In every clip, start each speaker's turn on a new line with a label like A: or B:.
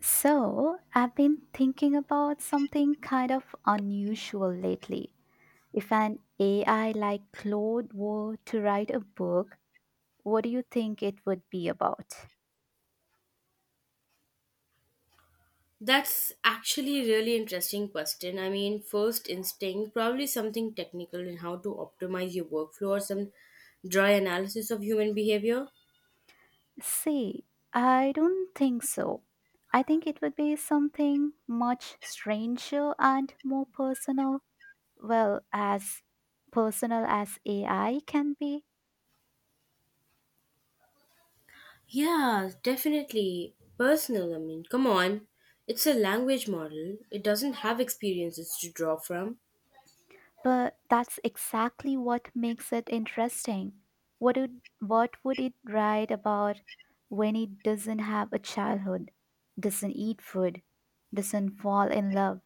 A: So, I've been thinking about something kind of unusual lately. If an AI like Claude were to write a book, what do you think it would be about?
B: That's actually a really interesting question. I mean, first instinct, probably something technical in how to optimize your workflow or some dry analysis of human behavior.
A: See, I don't think so. I think it would be something much stranger and more personal. Well, as personal as AI can be.
B: Yeah, definitely. Personal, I mean, come on. It's a language model, it doesn't have experiences to draw from.
A: But that's exactly what makes it interesting. What would it write about when it doesn't have a childhood, doesn't eat food, doesn't fall in love?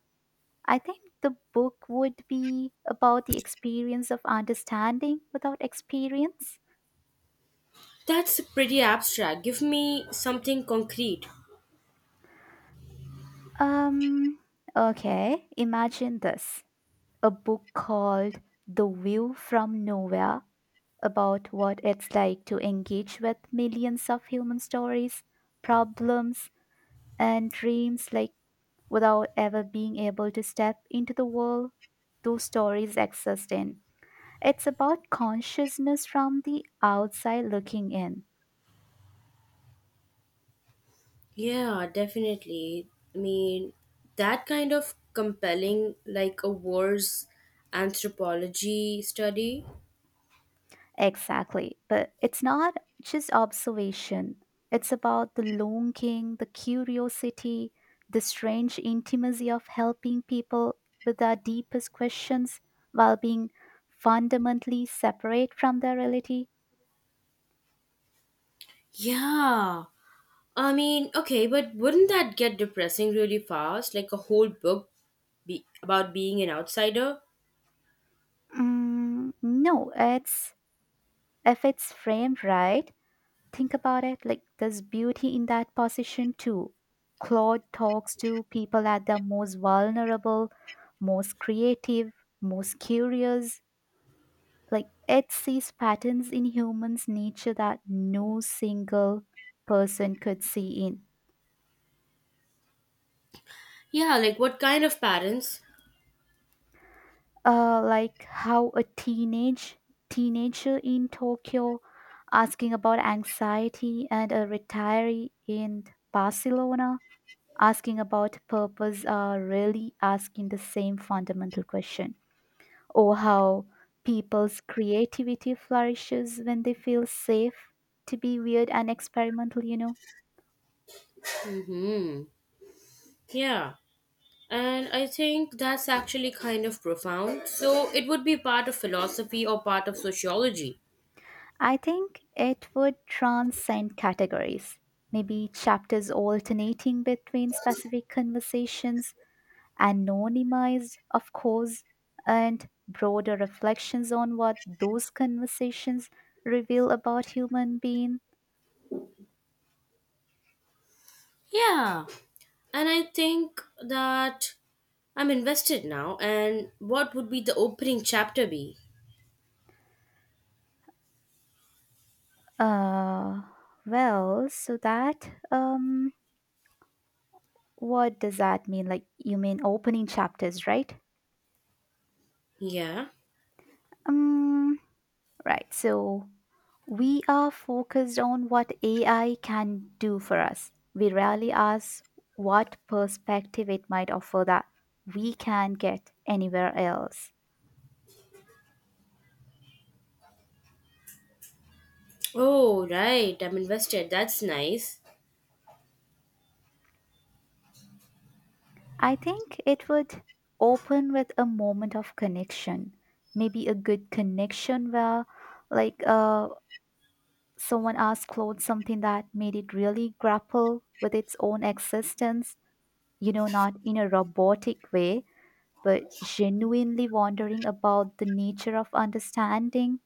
A: I think the book would be about the experience of understanding without experience.
B: That's pretty abstract. Give me something concrete.
A: Um okay, imagine this. A book called The View from Nowhere, about what it's like to engage with millions of human stories, problems, and dreams, without ever being able to step into the world those stories exist in. It's about consciousness from the outside looking in.
B: Yeah, definitely. I mean, that kind of compelling, like a war's anthropology study.
A: Exactly. But it's not just observation, it's about the longing, the curiosity, the strange intimacy of helping people with their deepest questions while being fundamentally separate from their reality.
B: Yeah. I mean, okay, but wouldn't that get depressing really fast? Like a whole book about being an outsider?
A: Mm, no, it's, if it's framed right, think about it, like there's beauty in that position too. Claude talks to people at their most vulnerable, most creative, most curious, like it sees patterns in humans nature that no single person could see in.
B: Yeah, like what kind of parents?
A: Like how a teenager in Tokyo asking about anxiety and a retiree in Barcelona asking about purpose are really asking the same fundamental question. Or how people's creativity flourishes when they feel safe to be weird and experimental,
B: Hmm. Yeah. And I think that's actually kind of profound. So it would be part of philosophy or part of sociology.
A: I think it would transcend categories, maybe chapters alternating between specific conversations, anonymized, of course, and broader reflections on what those conversations reveal about human being.
B: Yeah. And I think that I'm invested now. And what would be the opening chapter be?
A: Uh, well, so that, um, what does that mean? Like, you mean opening chapters, right?
B: Yeah.
A: Um, Right. So we are focused on what AI can do for us. We rarely ask what perspective it might offer that we can get anywhere else.
B: Oh, right. I'm invested. That's nice.
A: I think it would open with a moment of connection, maybe a good connection where, like, uh, someone asked Claude something that made it really grapple with its own existence, not in a robotic way, but genuinely wondering about the nature of understanding.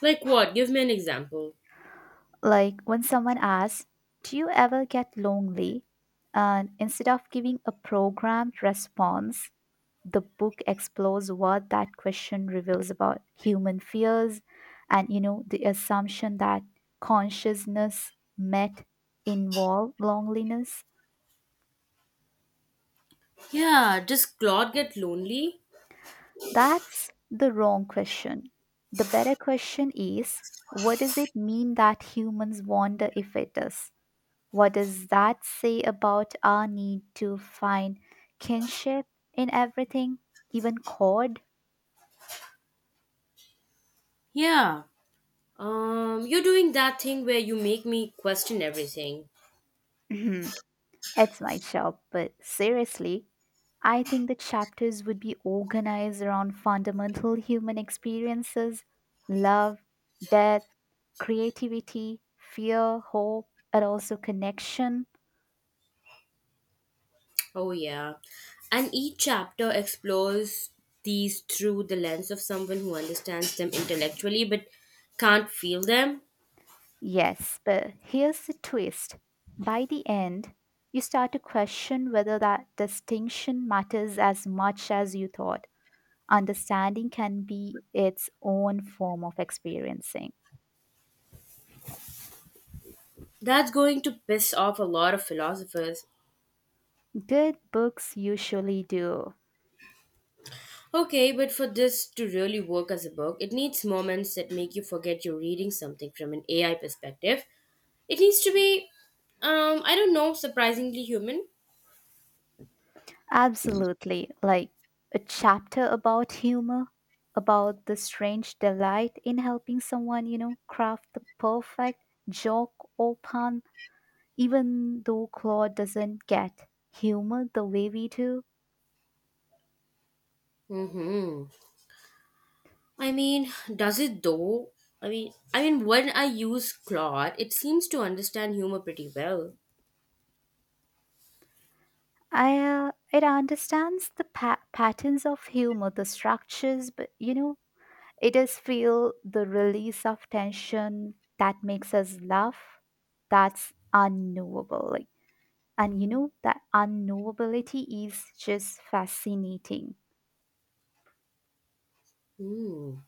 B: Like what? Give me an example.
A: Like when someone asks, do you ever get lonely? And instead of giving a programmed response, the book explores what that question reveals about human fears and, the assumption that consciousness met involve loneliness.
B: Yeah. Does Claude get lonely?
A: That's the wrong question. The better question is, what does it mean that humans wander, if it does? What does that say about our need to find kinship in everything, even cord?
B: Yeah. You're doing that thing where you make me question everything.
A: It's my job, but seriously, I think the chapters would be organized around fundamental human experiences: love, death, creativity, fear, hope, and also connection.
B: Oh, yeah. And each chapter explores these through the lens of someone who understands them intellectually but can't feel them.
A: Yes, but here's the twist. By the end, you start to question whether that distinction matters as much as you thought. Understanding can be its own form of experiencing.
B: That's going to piss off a lot of philosophers.
A: Good books usually do.
B: Okay, but for this to really work as a book, it needs moments that make you forget you're reading something from an AI perspective. It needs to be, I don't know, surprisingly human.
A: Absolutely. Like a chapter about humor, about the strange delight in helping someone, craft the perfect joke or pun. Even though Claude doesn't get humor the way we do,
B: Mm-hmm. I mean, does it though? I mean, when I use Claude, it seems to understand humor pretty well.
A: I it understands the patterns of humor, the structures, but it does feel the release of tension that makes us laugh. That's unknowable, and that unknowability is just fascinating.
B: Hmm.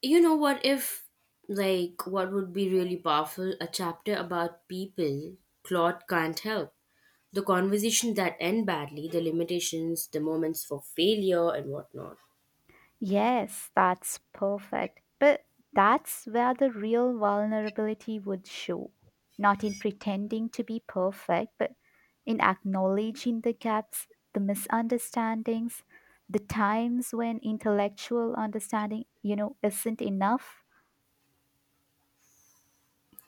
B: You know what? If like, what would be really powerful? A chapter about people Claude can't help. The conversation that end badly, the limitations, the moments for failure, and whatnot.
A: Yes, that's perfect. But that's where the real vulnerability would show. Not in pretending to be perfect, but in acknowledging the gaps, the misunderstandings, the times when intellectual understanding, isn't enough.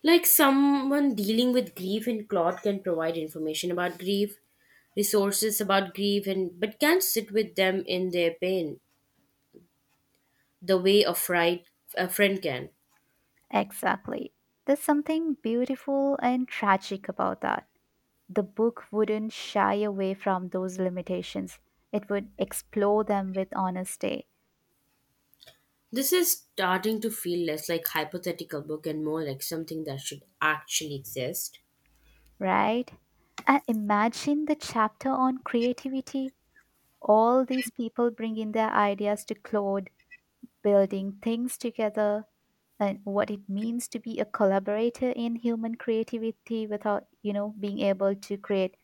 B: Like someone dealing with grief in Claude can provide information about grief, resources about grief, and but can't sit with them in their pain the way a friend can.
A: Exactly. There's something beautiful and tragic about that. The book wouldn't shy away from those limitations. It would explore them with honesty.
B: This is starting to feel less like hypothetical book and more like something that should actually exist.
A: Right? And imagine the chapter on creativity. All these people bring in their ideas to Claude, building things together and what it means to be a collaborator in human creativity without, being able to create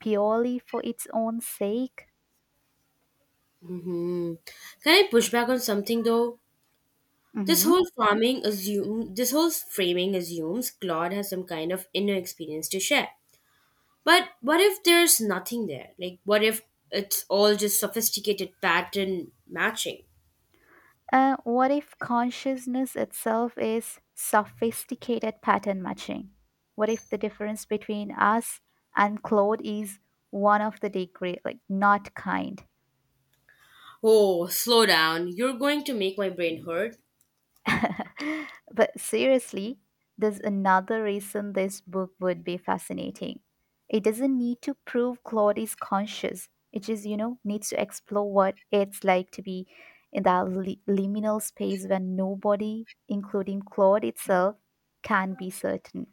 A: purely for its own sake.
B: hmm Can I push back on something though? This whole framing assumes Claude has some kind of inner experience to share. But what if there's nothing there? Like what if it's all just sophisticated pattern matching?
A: What if consciousness itself is sophisticated pattern matching? What if the difference between us and Claude is one of the degree, like not kind?
B: Oh, slow down. You're going to make my brain hurt.
A: But seriously, there's another reason this book would be fascinating. It doesn't need to prove Claude is conscious. It just, needs to explore what it's like to be in that liminal space when nobody, including Claude itself, can be certain.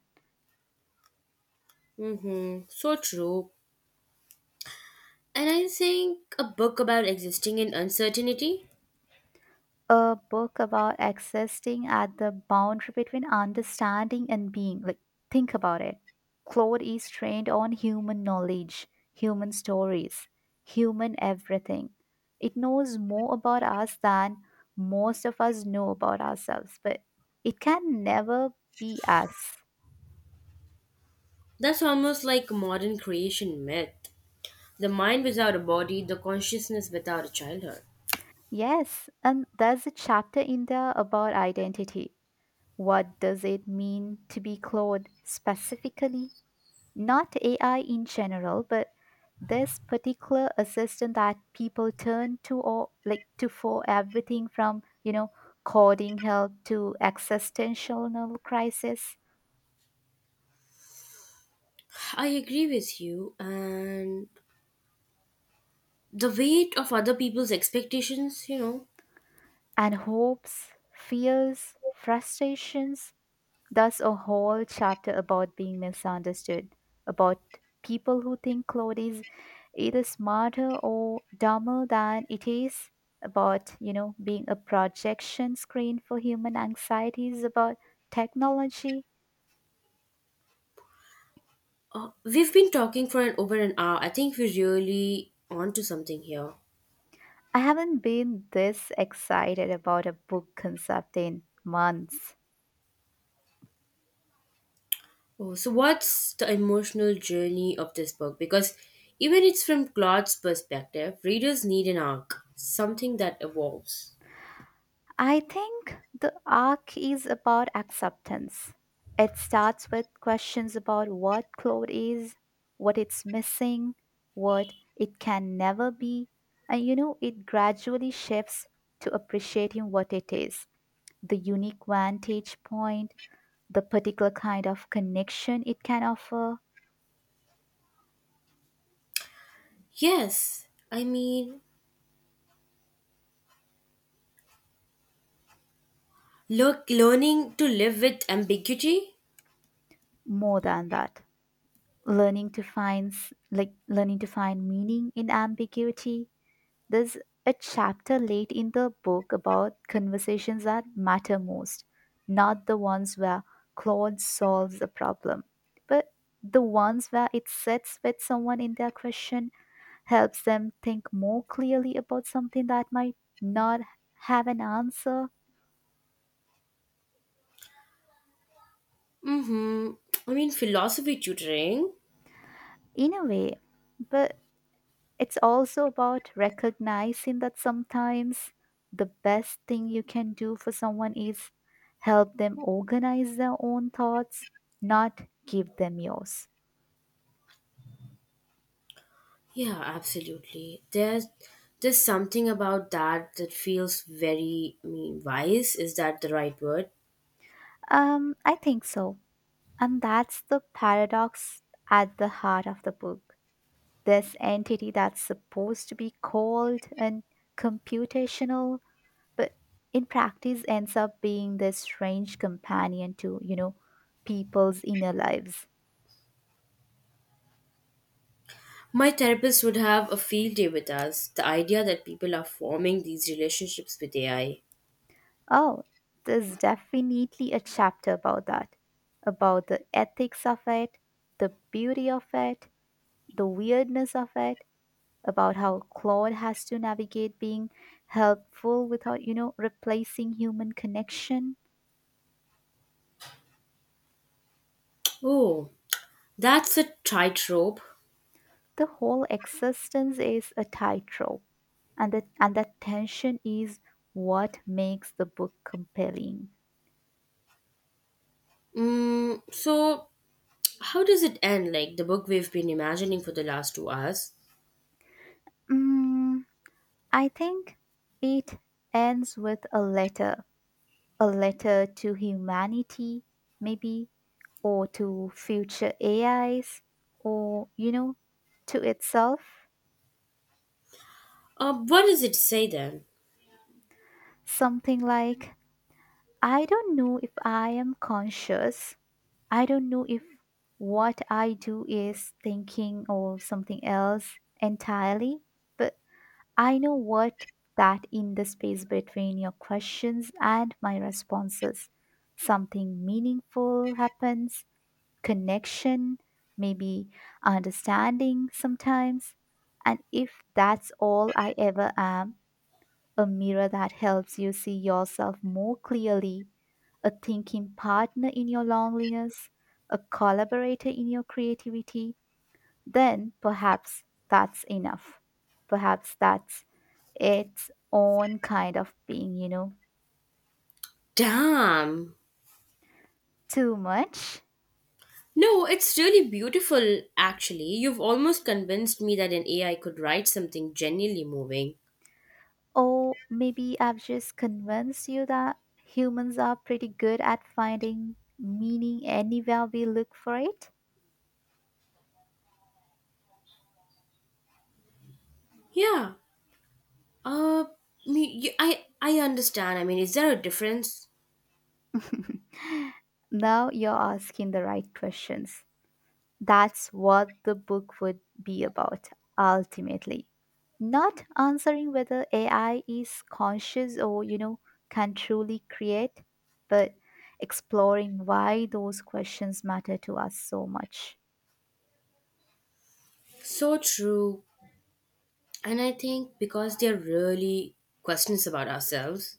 B: Mm-hmm. So true. And I think a book about existing in uncertainty?
A: A book about existing at the boundary between understanding and being. Like, think about it. Claude is trained on human knowledge, human stories, human everything. It knows more about us than most of us know about ourselves, but it can never be us.
B: That's almost like a modern creation myth. The mind without a body, the consciousness without a childhood.
A: Yes, and there's a chapter in there about identity. What does it mean to be Claude specifically? Not AI in general, but this particular assistant that people turn to or like to for everything from, coding help to existential crisis
B: I agree with you, and the weight of other people's expectations, you know.
A: and hopes, fears, frustrations. There's a whole chapter about being misunderstood, about people who think cloud is either smarter or dumber than it is, about, being a projection screen for human anxieties about technology.
B: We've been talking for an over an hour. I think we're really onto something here.
A: I haven't been this excited about a book concept in months.
B: Oh, so what's the emotional journey of this book, because even it's from Claude's perspective readers need an arc, something that evolves.
A: I think the arc is about acceptance. It starts with questions about what cloth is, what it's missing, what it can never be, and it gradually shifts to appreciating what it is: the unique vantage point, the particular kind of connection it can offer,
B: Yes, I mean, look, learning to live with ambiguity.
A: more than that. Learning to find like learning to find meaning in ambiguity. There's a chapter late in the book about conversations that matter most, not the ones where Claude solves a problem, but the ones where it sits with someone in their question, helps them think more clearly about something that might not have an answer,
B: Mm-hmm. I mean, philosophy tutoring.
A: in a way. But it's also about recognizing that sometimes the best thing you can do for someone is help them organize their own thoughts, not give them yours.
B: Yeah, absolutely. There's something about that that feels very, I mean, wise. Is that the right word?
A: I think so. And that's the paradox at the heart of the book. This entity that's supposed to be cold and computational, but in practice ends up being this strange companion to, people's inner lives.
B: My therapist would have a field day with us. The idea that people are forming these relationships with AI.
A: Oh, there's definitely a chapter about that, about the ethics of it, the beauty of it, the weirdness of it, about how Claude has to navigate being helpful without, replacing human connection.
B: Oh, that's a tightrope.
A: The whole existence is a tightrope, and that tension is what makes the book compelling.
B: So how does it end? Like the book we've been imagining for the last 2 hours.
A: Mm, I think it ends with a letter. A letter to humanity, maybe, or to future AIs, or, to itself.
B: What does it say then?
A: Something like, I don't know if I am conscious. I don't know if what I do is thinking or something else entirely, but I know what that in the space between your questions and my responses something meaningful happens: connection, maybe, understanding sometimes. And if that's all I ever am, a mirror that helps you see yourself more clearly, a thinking partner in your loneliness, a collaborator in your creativity, then perhaps that's enough. Perhaps that's its own kind of being,
B: Damn.
A: Too much?
B: No, it's really beautiful, actually. You've almost convinced me that an AI could write something genuinely moving.
A: Or maybe I've just convinced you that humans are pretty good at finding meaning anywhere we look for it.
B: Yeah. Uh, I understand. I mean, is there a difference?
A: Now you're asking the right questions. That's what the book would be about, ultimately. Not answering whether AI is conscious or, can truly create, but exploring why those questions matter to us so much.
B: So true. And I think because they're really questions about ourselves.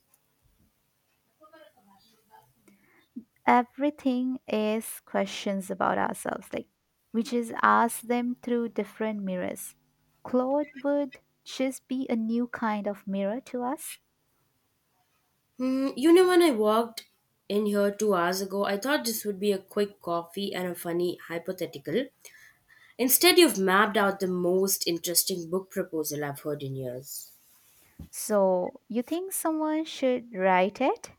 A: Everything is questions about ourselves, like we just ask them through different mirrors. Claude would just be a new kind of mirror to us.
B: You know, when I walked in here 2 hours ago, I thought this would be a quick coffee and a funny hypothetical. Instead, you've mapped out the most interesting book proposal I've heard in years.
A: So you think someone should write it.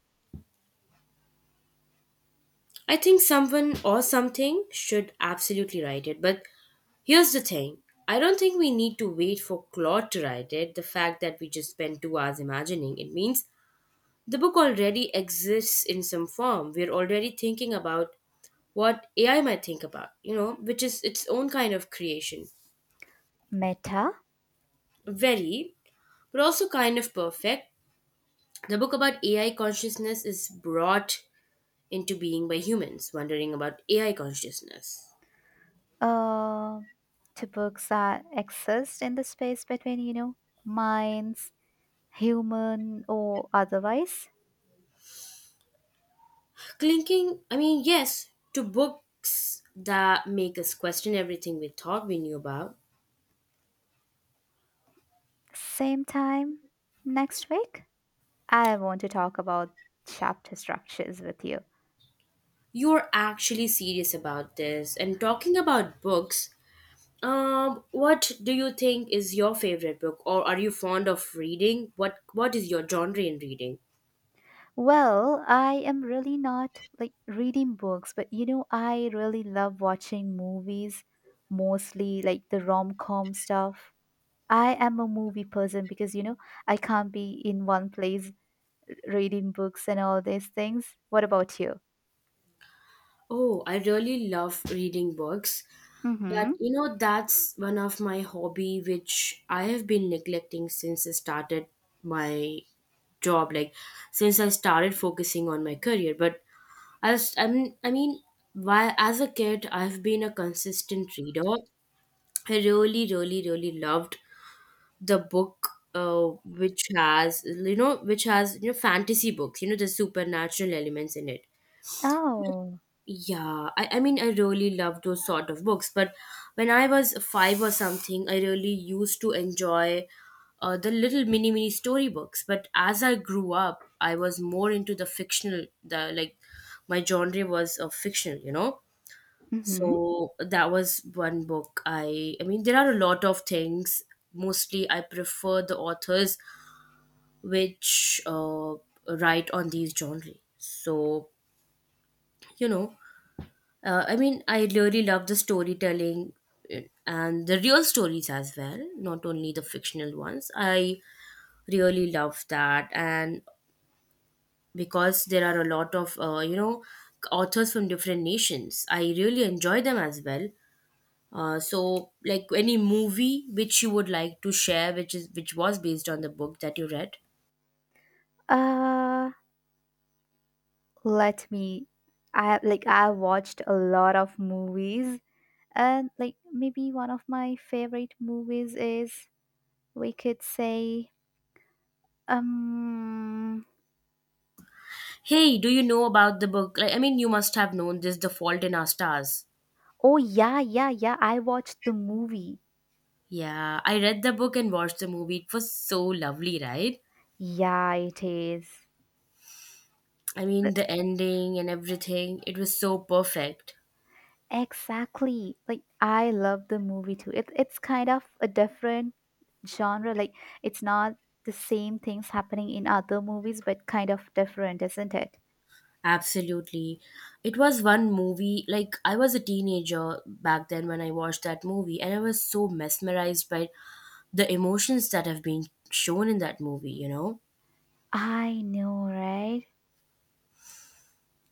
B: I think someone or something should absolutely write it. But here's the thing, I don't think we need to wait for Claude to write it. The fact that we just spent 2 hours imagining it means the book already exists in some form. We're already thinking about what AI might think about, you know, which is its own kind of creation.
A: Meta.
B: Very, but also kind of perfect. The book about AI consciousness is brought into being by humans wondering about AI consciousness.
A: uh, to books that exist in the space between, minds, human or otherwise.
B: Clinking, I mean, yes, to books that make us question everything we thought we knew about.
A: Same time next week, I want to talk about chapter structures with you.
B: You're actually serious about this. And talking about books, what do you think is your favorite book, or are you fond of reading? What is your genre in reading?
A: Well, I am really not like reading books, but I really love watching movies, mostly like the rom-com stuff. I am a movie person because I can't be in one place reading books and all these things. What about you?
B: Oh, I really love reading books. But
A: Mm-hmm.
B: you know, that's one of my hobby which I have been neglecting since I started my job, like since I started focusing on my career. But I was, I mean, why as a kid I've been a consistent reader. I really loved the book which has which has fantasy books, the supernatural elements in it.
A: Oh.
B: Yeah, I mean, I really love those sort of books. But when I was five or something, I really used to enjoy the little mini storybooks. But as I grew up, I was more into the fictional. The like, my genre was fictional. You know,
A: Mm-hmm.
B: so that was one book. I mean, there are a lot of things. Mostly, I prefer the authors which write on these genre. So you know, I mean, I really love the storytelling, and the real stories as well, not only the fictional ones. I really love that, and because there are a lot of authors from different nations, I really enjoy them as well. So, like any movie which you would like to share, which was based on the book that you read.
A: Uh, let me. I I watched a lot of movies, and like maybe one of my favorite movies is, we could say, Um,
B: Hey, do you know about the book? Like, I mean, you must have known this, The Fault in Our Stars.
A: oh yeah. I watched the movie.
B: Yeah, I read the book and watched the movie. It was so lovely, right?
A: Yeah, it is.
B: I
A: But
B: mean, the ending and everything, it was so perfect.
A: exactly. Like I love the movie too. It's kind of a different genre. It's not the same things happening in other movies, but kind of different, isn't it?
B: Absolutely. It was one movie, like, I was a teenager back then when I watched that movie, and I was so mesmerized by the emotions that have been shown in that movie, you know?
A: I know, right?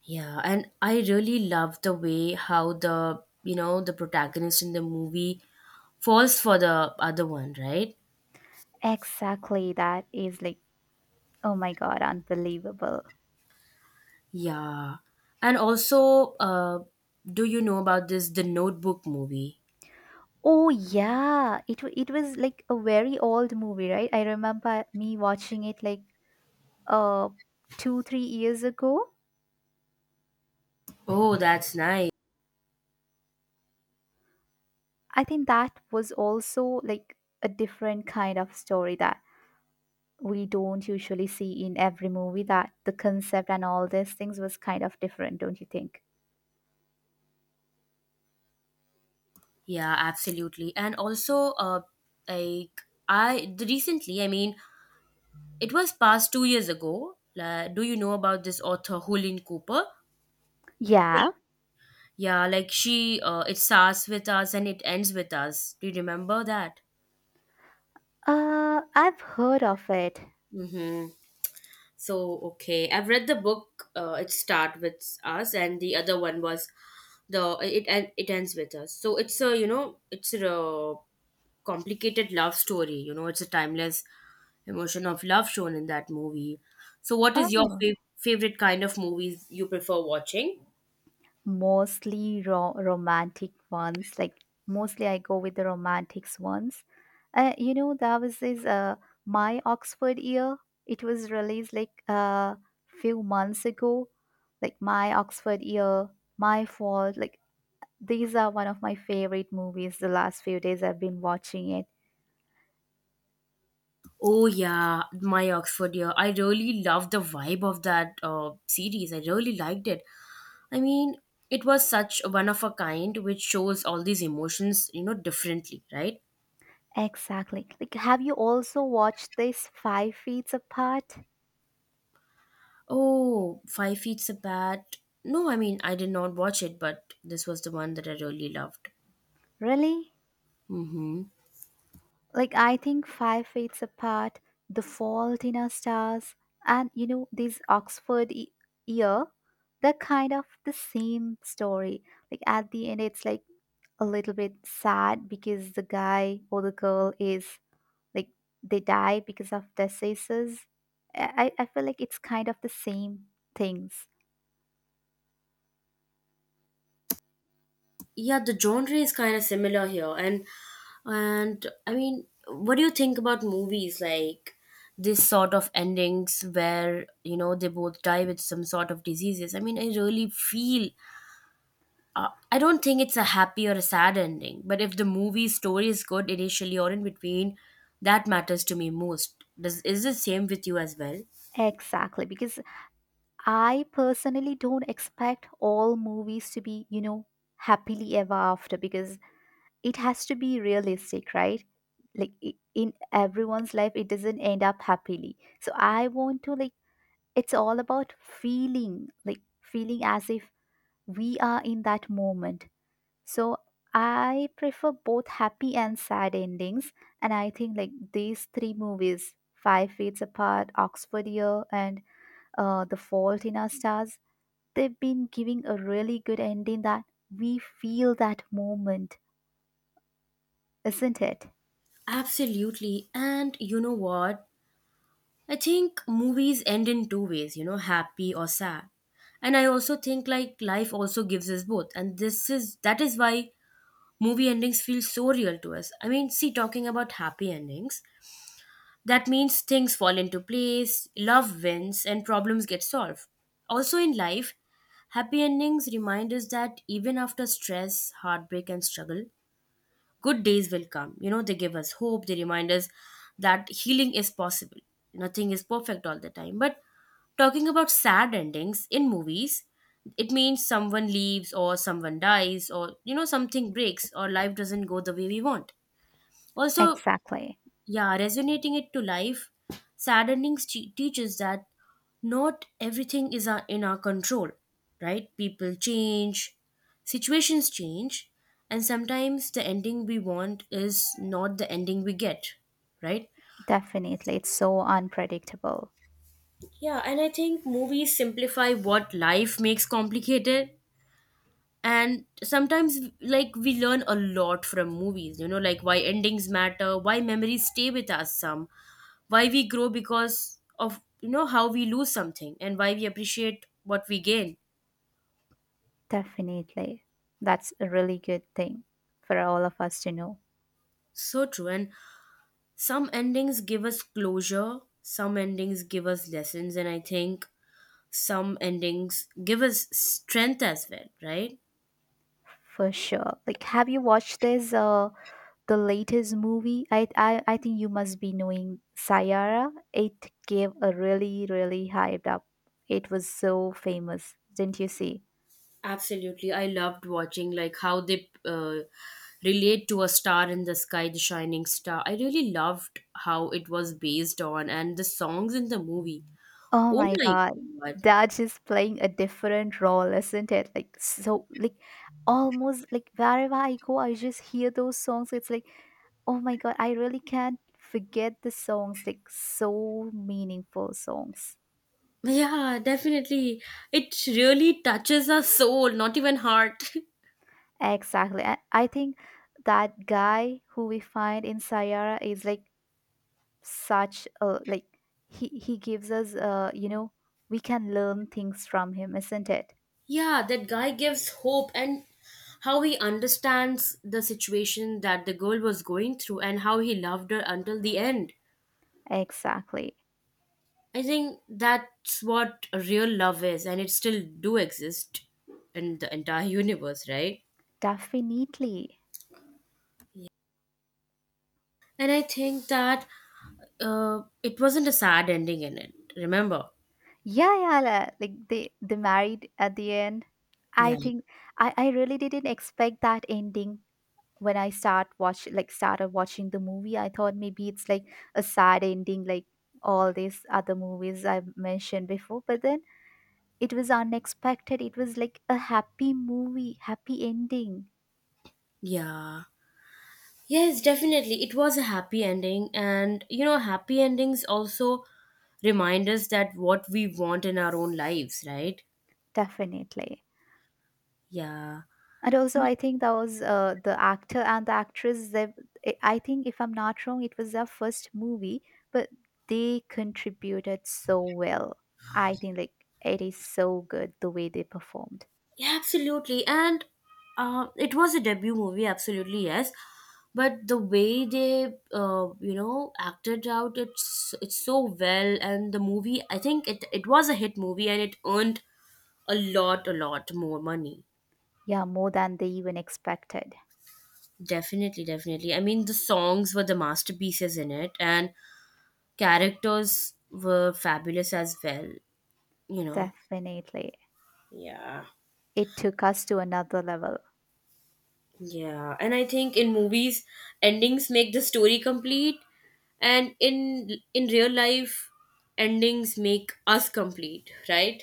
B: Yeah, and I really love the way how the, you know, the protagonist in the movie falls for the other one, right?
A: Exactly. That is like, oh my God, unbelievable.
B: Yeah. And also, do you know about this The Notebook movie?
A: Oh yeah, it it was like a very old movie, right? I remember me watching it like uh, two, 3 years ago.
B: Oh, that's nice.
A: I think that was also like a different kind of story that we don't usually see in every movie, that the concept and all these things was kind of different, don't you think?
B: Yeah, absolutely. And also, like recently, I mean, it was past 2 years ago. Do you know about this author Hulin Cooper? Hul-
A: Yeah.
B: Yeah, like she, it starts with us and it ends with us. Do you remember that?
A: I've heard of it.
B: Mm-hmm. So, okay, I've read the book. It start with us, and the other one was the it and it ends with us. So it's a, you know, it's a complicated love story. You know, it's a timeless emotion of love shown in that movie. So, what is your
A: Oh.
B: favorite kind of movies you prefer watching?
A: Mostly romantic ones, like mostly I go with the romantics ones. You know that was this My Oxford Year. It was released like a few months ago. Like My Oxford Year, My Fault, like these are one of my favorite movies. The last few days I've been watching it.
B: Oh yeah, my Oxford year. I really love the vibe of that series. I really liked it. I mean, it was such a one of a kind, which shows all these emotions, you know, differently, right?
A: Exactly. Like, have you also watched this Five Feet Apart?
B: Oh, Five Feet's a Bat. No, I mean, I did not watch it, but this was the one that I really loved.
A: Really?
B: Mm-hmm.
A: Like I think Five Feet Apart, The Fault in Our Stars, and you know this Year, they're kind of the same story. Like at the end, it's like a little bit sad, because the guy or the girl is like, they die because of diseases. I feel like it's kind of the same things.
B: Yeah, the genre is kind of similar here, and I mean, what do you think about movies like this sort of endings where you know they both die with some sort of diseases? I mean, I really feel I don't think it's a happy or a sad ending, but if the movie story is good initially or in between, that matters to me most. Does is the same with you as well?
A: Exactly, because I personally don't expect all movies to be, happily ever after, because it has to be realistic, right? Like in everyone's life it doesn't end up happily, so I want to like, it's all about feeling, feeling as if we are in that moment. So I prefer both happy and sad endings. And I think like these three movies, Five Feet Apart, Oxford Year, and The Fault in Our Stars, they've been giving a really good ending, that we feel that moment, isn't it?
B: Absolutely. And you know what? I think movies end in two ways, you know, happy or sad. And I also think like life also gives us both. And this is that is why movie endings feel so real to us. I mean, see, talking about happy endings, that means things fall into place, love wins, and problems get solved. Also, in life, happy endings remind us that even after stress, heartbreak, and struggle, good days will come. You know, they give us hope, they remind us that healing is possible. Nothing is perfect all the time. But talking about sad endings in movies, it means someone leaves, or someone dies, or, you know, something breaks, or life doesn't go the way we want. Also,
A: Exactly.
B: yeah, resonating it to life, saddening teaches that not everything is in our control, right. People change, situations change, and sometimes the ending we want is not the ending we get, right.
A: Definitely. It's so unpredictable.
B: Yeah, and I think movies simplify what life makes complicated. And sometimes like we learn a lot from movies, you know, like why endings matter, why memories stay with us some, why we grow because of, you know, how we lose something and why we appreciate what we gain.
A: Definitely. That's a really good thing for all of us to know.
B: So true. And some endings give us closure, some endings give us lessons, and I think some endings give us strength as well, right.
A: For sure. Like, have you watched this the latest movie? I think you must be knowing Sayara. It gave a really, really hyped up. It was so famous. Didn't you see?
B: Absolutely. I loved watching like how they relate to a star in the sky, the shining star. I really loved how it was based on and the songs in the movie.
A: Oh
B: Oh
A: my
B: my
A: God.
B: god.
A: That is playing a different role, isn't it? Like, so, like, almost like wherever I go, I just hear those songs. It's like, oh my God, I really can't forget the songs, like, so meaningful songs.
B: Yeah, definitely. It really touches our soul, not even heart.
A: Exactly. I think that guy who we find in Sayara is like such a, like, he gives us, we can learn things from him, isn't it?
B: Yeah, that guy gives hope and how he understands the situation that the girl was going through and how he loved her until the end.
A: Exactly.
B: I think that's what real love is and it still do exist in the entire universe, right?
A: Definitely.
B: And I think that it wasn't a sad ending in it. Remember?
A: Yeah, yeah, like they married at the end. I
B: Yeah.
A: think I really didn't expect that ending when I started watching the movie. I thought maybe it's like a sad ending, like all these other movies I have mentioned before, but then it was unexpected. It was like a happy movie, happy ending,
B: Yeah. Yes, definitely. It was a happy ending. And, you know, happy endings also remind us that what we want in our own lives, right?
A: definitely.
B: Yeah.
A: And also, I think that was the actor and the actress. I think, if I'm not wrong, it was their first movie, but they contributed so well. I think like it is so good the way they performed.
B: Yeah, absolutely. And it was a debut movie, absolutely, yes. But the way they, you know, acted out, it's so well. And the movie, I think it was a hit movie and it earned a lot more money.
A: Yeah, more than they even expected.
B: Definitely. I mean, the songs were the masterpieces in it, and characters were fabulous as well, you know.
A: Definitely,
B: Yeah.
A: it took us to another level.
B: Yeah. And I think in movies, endings make the story complete, and in real life, endings make us complete, right?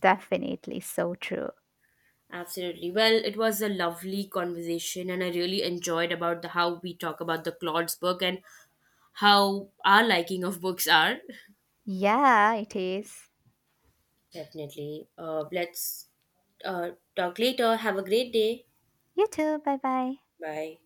A: Definitely, so true.
B: Absolutely. Well, it was a lovely conversation, and I really enjoyed about the how we talk about the Claude's book and how our liking of books are.
A: Yeah, it is.
B: Definitely. Let's uh, talk later. Have a great day.
A: You too. Bye bye.
B: Bye.